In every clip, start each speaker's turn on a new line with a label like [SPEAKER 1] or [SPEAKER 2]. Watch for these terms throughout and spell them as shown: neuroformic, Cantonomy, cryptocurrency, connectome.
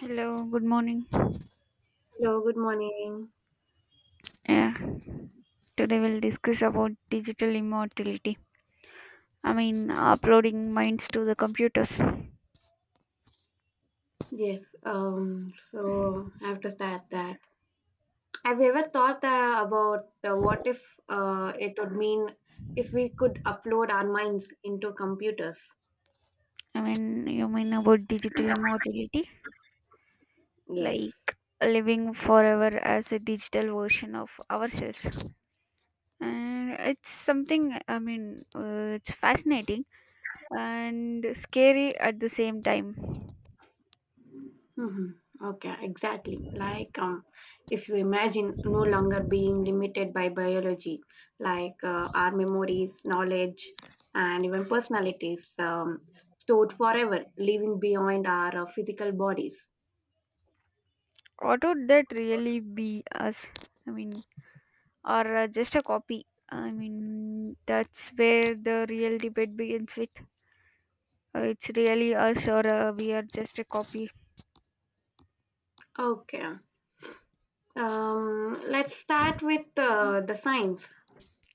[SPEAKER 1] Hello, good morning.
[SPEAKER 2] Hello, good morning.
[SPEAKER 1] Yeah, today we'll discuss about digital immortality. I mean, uploading minds to the computers. I
[SPEAKER 2] Yes, so I have to start that. Have you ever thought about what if it would mean if we could upload our minds into computers?
[SPEAKER 1] mean, you mean about digital immortality,
[SPEAKER 2] Yes.
[SPEAKER 1] like living forever as a digital version of ourselves. And it's something, it's fascinating and scary at the same time.
[SPEAKER 2] Hmm. Okay, exactly. Like, if you imagine no longer being limited by biology, like our memories, knowledge, and even personalities, stored forever, living beyond our physical bodies.
[SPEAKER 1] What would that really be us? I mean, or just a copy. I mean, that's where the real debate begins with it's really us or we are just a copy.
[SPEAKER 2] Okay. Let's start with the science,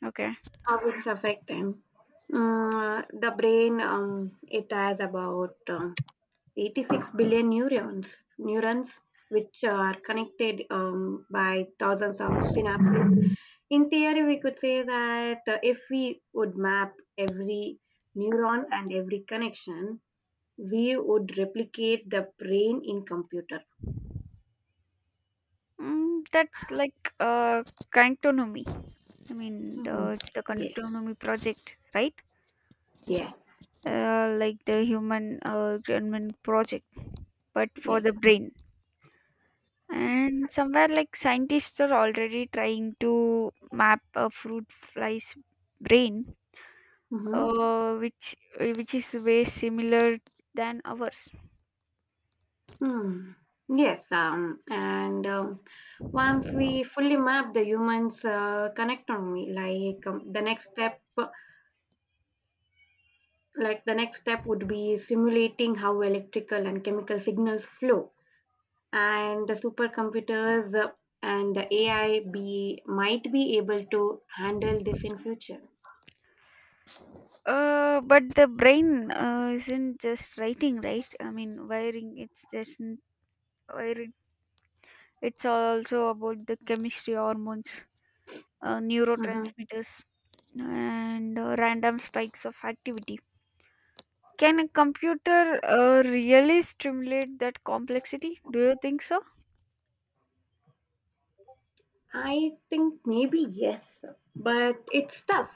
[SPEAKER 1] Okay.
[SPEAKER 2] how it's affecting. The brain, it has about 86 billion neurons, which are connected by thousands of synapses. In theory, we could say that if we would map every neuron and every connection, we would replicate the brain in computer.
[SPEAKER 1] That's like Cantonomy. I mean,
[SPEAKER 2] Mhm.
[SPEAKER 1] it's the
[SPEAKER 2] Yes,
[SPEAKER 1] Cantonomy project, right?
[SPEAKER 2] yes,
[SPEAKER 1] Like the human project, but for the
[SPEAKER 2] yes.
[SPEAKER 1] brain. And somewhere like scientists are already trying to map a fruit fly's brain
[SPEAKER 2] Mm-hmm.
[SPEAKER 1] which is way similar than ours.
[SPEAKER 2] Hmm. Yes, and once we fully map the humans connectome, the next step would be simulating how electrical and chemical signals flow, and the supercomputers and the AI be might be able to handle this in future.
[SPEAKER 1] But the brain isn't just writing, right? I mean, wiring. Wiring. It's also about the chemistry, hormones,
[SPEAKER 2] Mhm.
[SPEAKER 1] neurotransmitters, and random spikes of activity. Can a computer really stimulate that complexity? Do you think so?
[SPEAKER 2] I think maybe yes, but it's tough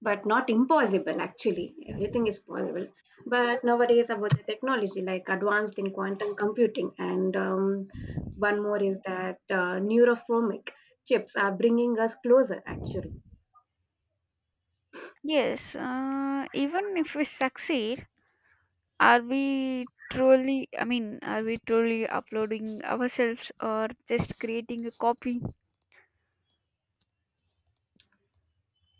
[SPEAKER 2] but not impossible actually, everything is possible, but nowadays about the technology like advanced in quantum computing and one more is that neuroformic chips are bringing us closer actually.
[SPEAKER 1] Yes. Even if we succeed, are we truly, I mean, are we truly uploading ourselves or just creating a copy?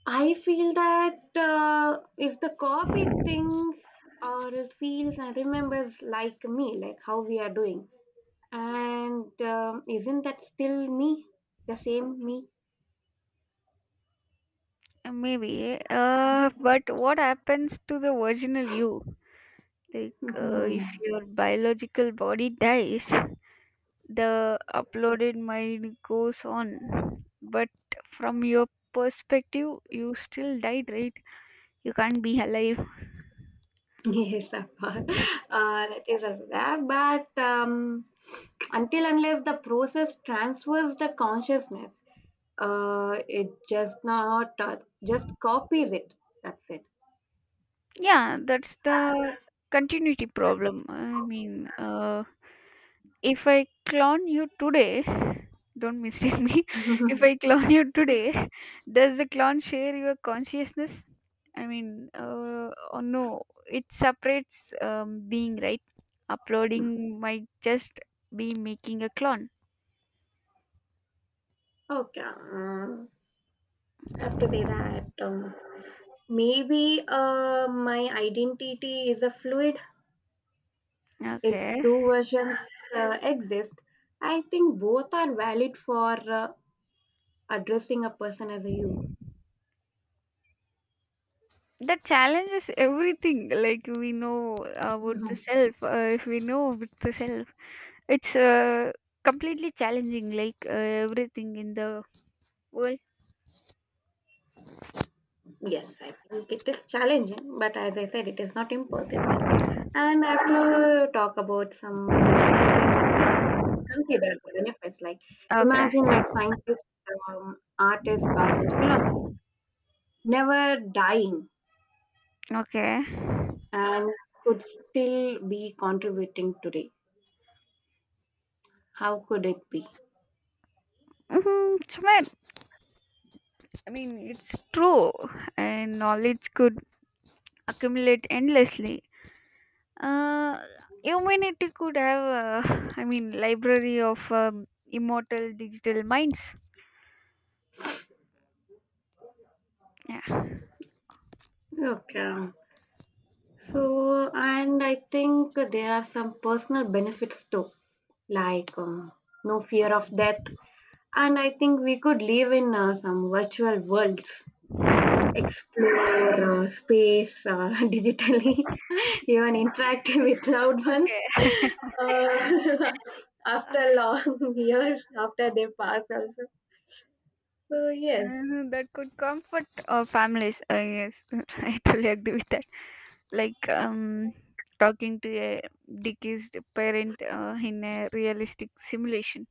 [SPEAKER 2] I feel that if the copy thinks or is feels and remembers like me, like how we are doing, and isn't that still me, the same me?
[SPEAKER 1] Maybe. But what happens to the original you? Like,
[SPEAKER 2] Mhm.
[SPEAKER 1] if your biological body dies, the uploaded mind goes on. But from your perspective, you still died, right? You can't be alive.
[SPEAKER 2] Yes, of course. That is also there. But until unless the process transfers the consciousness, it just not just copies it. That's it.
[SPEAKER 1] Yeah, that's the continuity problem. If I clone you today, don't mistake me. If I clone you today, does the clone share your consciousness? Oh no, it separates being, right? Uploading might just be making a clone.
[SPEAKER 2] Okay. I have to say that maybe my identity is a fluid. If
[SPEAKER 1] Okay,
[SPEAKER 2] two versions exist, I think both are valid for addressing a person as a you.
[SPEAKER 1] that challenges everything. Like we know about the self, if we know about the self, it's completely challenging. Like everything in the world.
[SPEAKER 2] Yes, I think it is challenging, but as I said, it is not impossible. And I will talk about something that consider the benefits. Like
[SPEAKER 1] Okay,
[SPEAKER 2] imagine like scientists, artists, or else philosophers never dying
[SPEAKER 1] okay.
[SPEAKER 2] and could still be contributing today. How could it be?
[SPEAKER 1] Mhm, Sumit, I mean, it's true, and knowledge could accumulate endlessly. Uh, Humanity could have, library of immortal digital minds. Yeah.
[SPEAKER 2] Okay. So, and I think there are some personal benefits too, like no fear of death. And I think we could live in some virtual worlds, explore space digitally, even interact with loved ones
[SPEAKER 1] Okay.
[SPEAKER 2] uh, after long years, after they pass also. So, yes.
[SPEAKER 1] That could comfort families. Yes, I totally agree with that. Like talking to a deceased parent in a realistic simulation.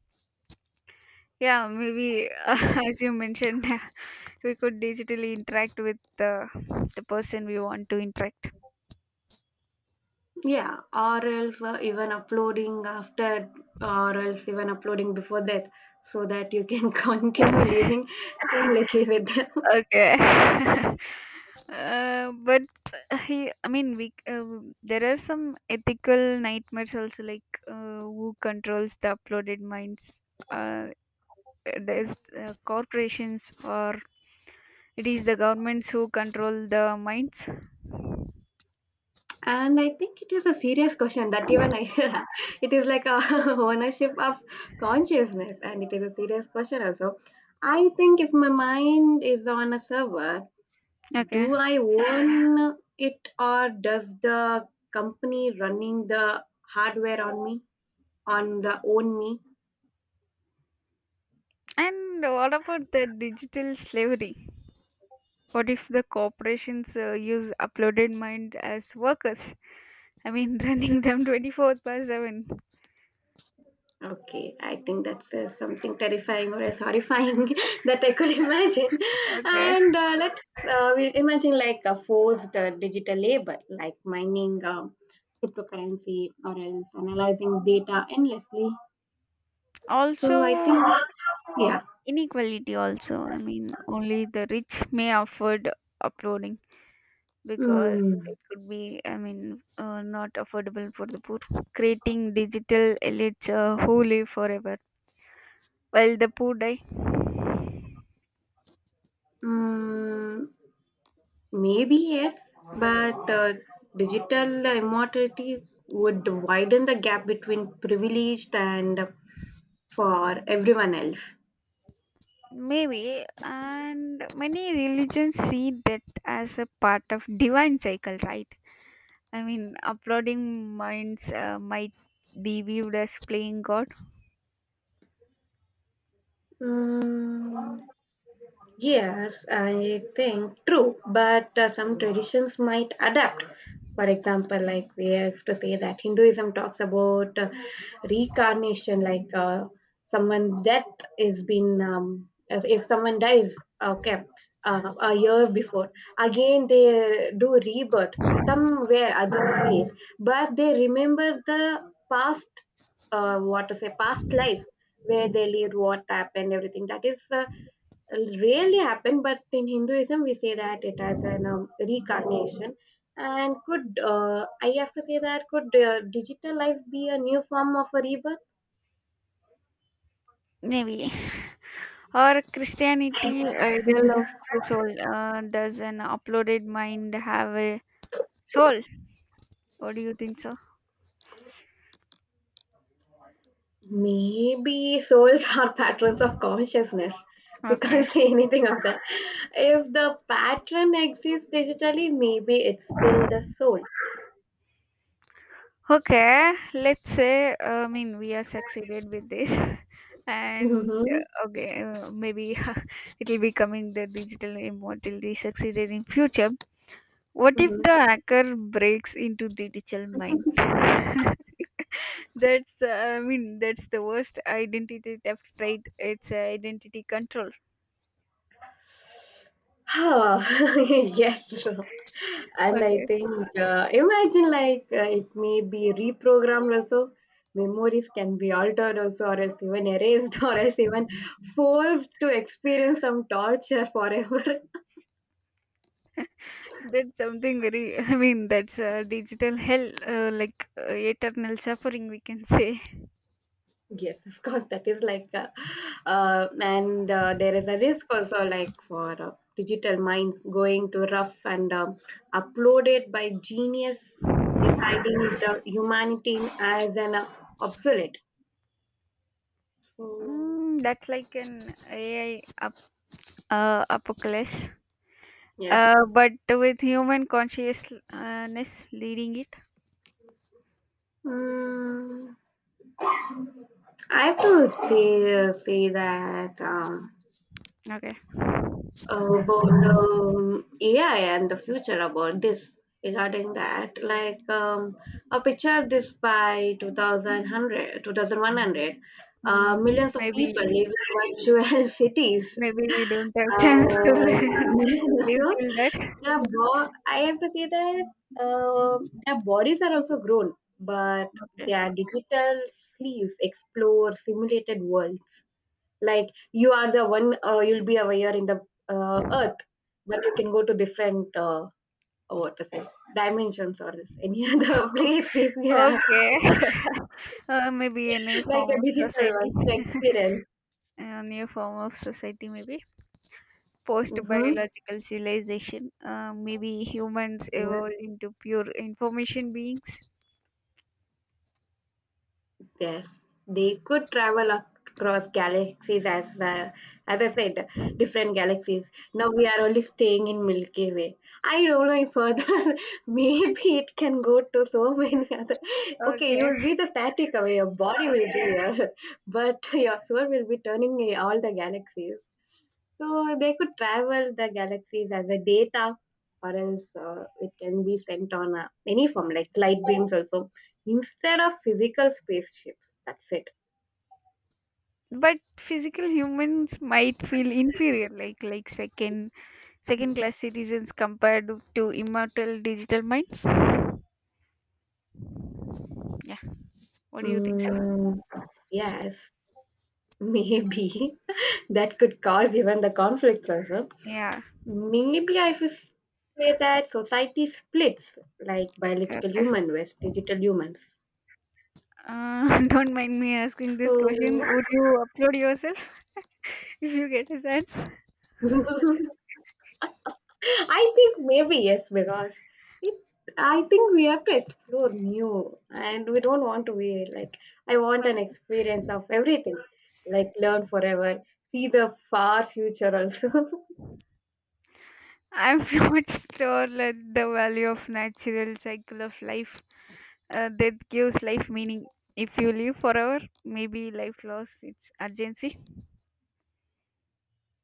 [SPEAKER 1] Yeah, maybe
[SPEAKER 2] Yes.
[SPEAKER 1] as you mentioned, so, we could digitally interact with the person we want to interact.
[SPEAKER 2] Yeah, or else even uploading after, or else even uploading before that, so that you can continue living seamlessly with them.
[SPEAKER 1] Okay. But he, I mean, we there are some ethical nightmares also, like who controls the uploaded minds. Uh, there's Corporations or it is the governments who control the minds.
[SPEAKER 2] And I think it is a serious question that even I, it is like a ownership of consciousness, and it is a serious question also. I think if my mind is on a server,
[SPEAKER 1] Okay.
[SPEAKER 2] do I own it or does the company running the hardware on me, on the own me?
[SPEAKER 1] And what about the digital slavery? What if the corporations use uploaded mind as workers? I mean, running them 24 by 7.
[SPEAKER 2] Okay, I think that's something terrifying or as horrifying that I could imagine.
[SPEAKER 1] Okay.
[SPEAKER 2] And let's we imagine like a forced digital labor, like mining cryptocurrency or else analyzing data endlessly. So I think,
[SPEAKER 1] Also,
[SPEAKER 2] yeah.
[SPEAKER 1] inequality, also. I mean, only the rich may afford uploading because
[SPEAKER 2] Mm,
[SPEAKER 1] it could be, not affordable for the poor. Creating digital elites who live forever while the poor die.
[SPEAKER 2] mm, Maybe yes, but digital immortality would widen the gap between privileged and for everyone else.
[SPEAKER 1] Maybe, and many religions see death as a part of divine cycle, right? I mean, uploading minds might be viewed as playing God,
[SPEAKER 2] 嗯 Yes, I think true, but some traditions might adapt. For example, like we have to say that Hinduism talks about reincarnation, like someone death is been, if someone dies, okay, a year before, again they do rebirth somewhere other place, but they remember the past, what to say, past life where they lived, what happened, everything. That is. Rarely happen, but in Hinduism we say that it has an reincarnation. And could I have to say that could digital life be a new form of a rebirth?
[SPEAKER 1] maybe. Or Christianity, idol of the soul. Does an uploaded mind have a soul? What do you think so?
[SPEAKER 2] Maybe souls are patterns of consciousness. We can't
[SPEAKER 1] Okay.
[SPEAKER 2] say anything of that. If the pattern exists digitally, maybe it's still the soul.
[SPEAKER 1] Okay. Let's say, we are succeeded with this. And
[SPEAKER 2] Mm-hmm.
[SPEAKER 1] okay, maybe it will be coming the digital immortality succeeded in future. What if the
[SPEAKER 2] Mm-hmm.
[SPEAKER 1] hacker breaks into the digital mind? That's the worst identity theft, right? It's identity control.
[SPEAKER 2] Huh. Yes. And I
[SPEAKER 1] Okay,
[SPEAKER 2] think, imagine like it may be reprogrammed also. Memories can be altered also, or else even erased, or else even forced to experience some torture forever.
[SPEAKER 1] that's something very, that's digital hell, like eternal suffering, we can say.
[SPEAKER 2] Yes, of course, that is like, and there is a risk also, like for digital minds going to rough and uploaded by genius, deciding the humanity as an obsolete. So
[SPEAKER 1] Mm, that's like an AI apocalypse,
[SPEAKER 2] yes.
[SPEAKER 1] but with human consciousness leading it.
[SPEAKER 2] Mm, I have to say that
[SPEAKER 1] Okay,
[SPEAKER 2] about the AI and the future about this regarding that like, a picture this by 2100
[SPEAKER 1] mm,
[SPEAKER 2] millions of
[SPEAKER 1] maybe,
[SPEAKER 2] people live in virtual cities
[SPEAKER 1] maybe we don't have chance to live
[SPEAKER 2] so.
[SPEAKER 1] till that.
[SPEAKER 2] Yeah, bro. I have to say that uh, their bodies are also grown, but
[SPEAKER 1] Okay.
[SPEAKER 2] their digital sleeves explore simulated worlds. Like you are the one, you'll be aware in the earth, but you can go to different what to say, dimensions or any other place if you have
[SPEAKER 1] Okay. Maybe a new
[SPEAKER 2] like
[SPEAKER 1] form
[SPEAKER 2] a
[SPEAKER 1] of
[SPEAKER 2] digital
[SPEAKER 1] society.
[SPEAKER 2] ones to experience.
[SPEAKER 1] A new form of society, maybe. Post
[SPEAKER 2] Mm-hmm.
[SPEAKER 1] biological civilization. Maybe humans evolve into pure information beings.
[SPEAKER 2] Yes, they could travel across galaxies, as I said, different galaxies. Now we are only staying in Milky Way. I don't know if further, maybe it can go to so many other. Okay, you
[SPEAKER 1] Okay.
[SPEAKER 2] will be the static away, your body will be here, but your soul will be turning in all the galaxies. So they could travel the galaxies as a data, or else it can be sent on any form, like light beams also, instead of physical spaceships. That's it.
[SPEAKER 1] But physical humans might feel inferior, like second class citizens compared to immortal digital minds. Yeah. What do you think, so?
[SPEAKER 2] Mm, yes, maybe that could cause even the conflicts also.
[SPEAKER 1] Yeah.
[SPEAKER 2] Maybe I should say that society splits, like
[SPEAKER 1] Okay,
[SPEAKER 2] biological
[SPEAKER 1] okay.
[SPEAKER 2] human versus digital humans.
[SPEAKER 1] Don't mind me asking this
[SPEAKER 2] So
[SPEAKER 1] question. Would you upload yourself if you get a chance?
[SPEAKER 2] I think maybe yes, because it, I think we have to explore new, and we don't want to be like I want an
[SPEAKER 1] Okay.
[SPEAKER 2] experience of everything, like learn forever, see the far future also.
[SPEAKER 1] I'm not sure that the value of natural cycle of life that gives life meaning. If you live forever, maybe life lost its urgency.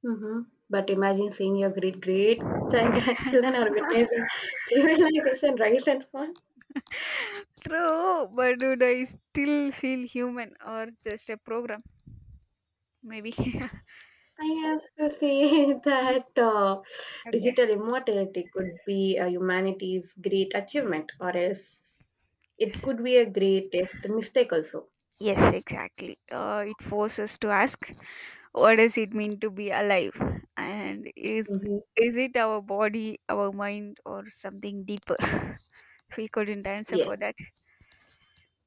[SPEAKER 2] Hmm. But imagine seeing your great great grandchildren are witnessing civilization rise and fall.
[SPEAKER 1] True, but would I still feel human or just a program? Maybe. Okay.
[SPEAKER 2] I have to say that digital immortality could be a humanity's great achievement, or else it
[SPEAKER 1] Yes.
[SPEAKER 2] could be a great test mistake also.
[SPEAKER 1] Yes, exactly. It forces us to ask what does it mean to be alive and is
[SPEAKER 2] Mhm.
[SPEAKER 1] is it our body, our mind, or something deeper? We couldn't answer for
[SPEAKER 2] Yes,
[SPEAKER 1] that.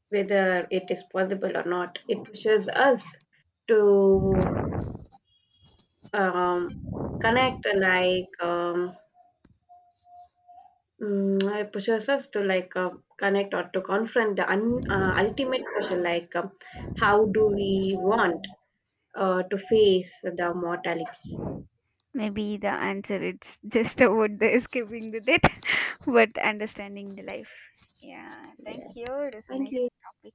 [SPEAKER 2] whether it is possible or not, it pushes us to um, connect, like, it pushes us to like connect or to confront the un, ultimate question, like, how do we want to face the mortality?
[SPEAKER 1] Maybe the answer it's just about the escaping the death, but understanding the life. Yeah, thank
[SPEAKER 2] Yeah.
[SPEAKER 1] you, it is a
[SPEAKER 2] Thank
[SPEAKER 1] nice
[SPEAKER 2] you.
[SPEAKER 1] topic.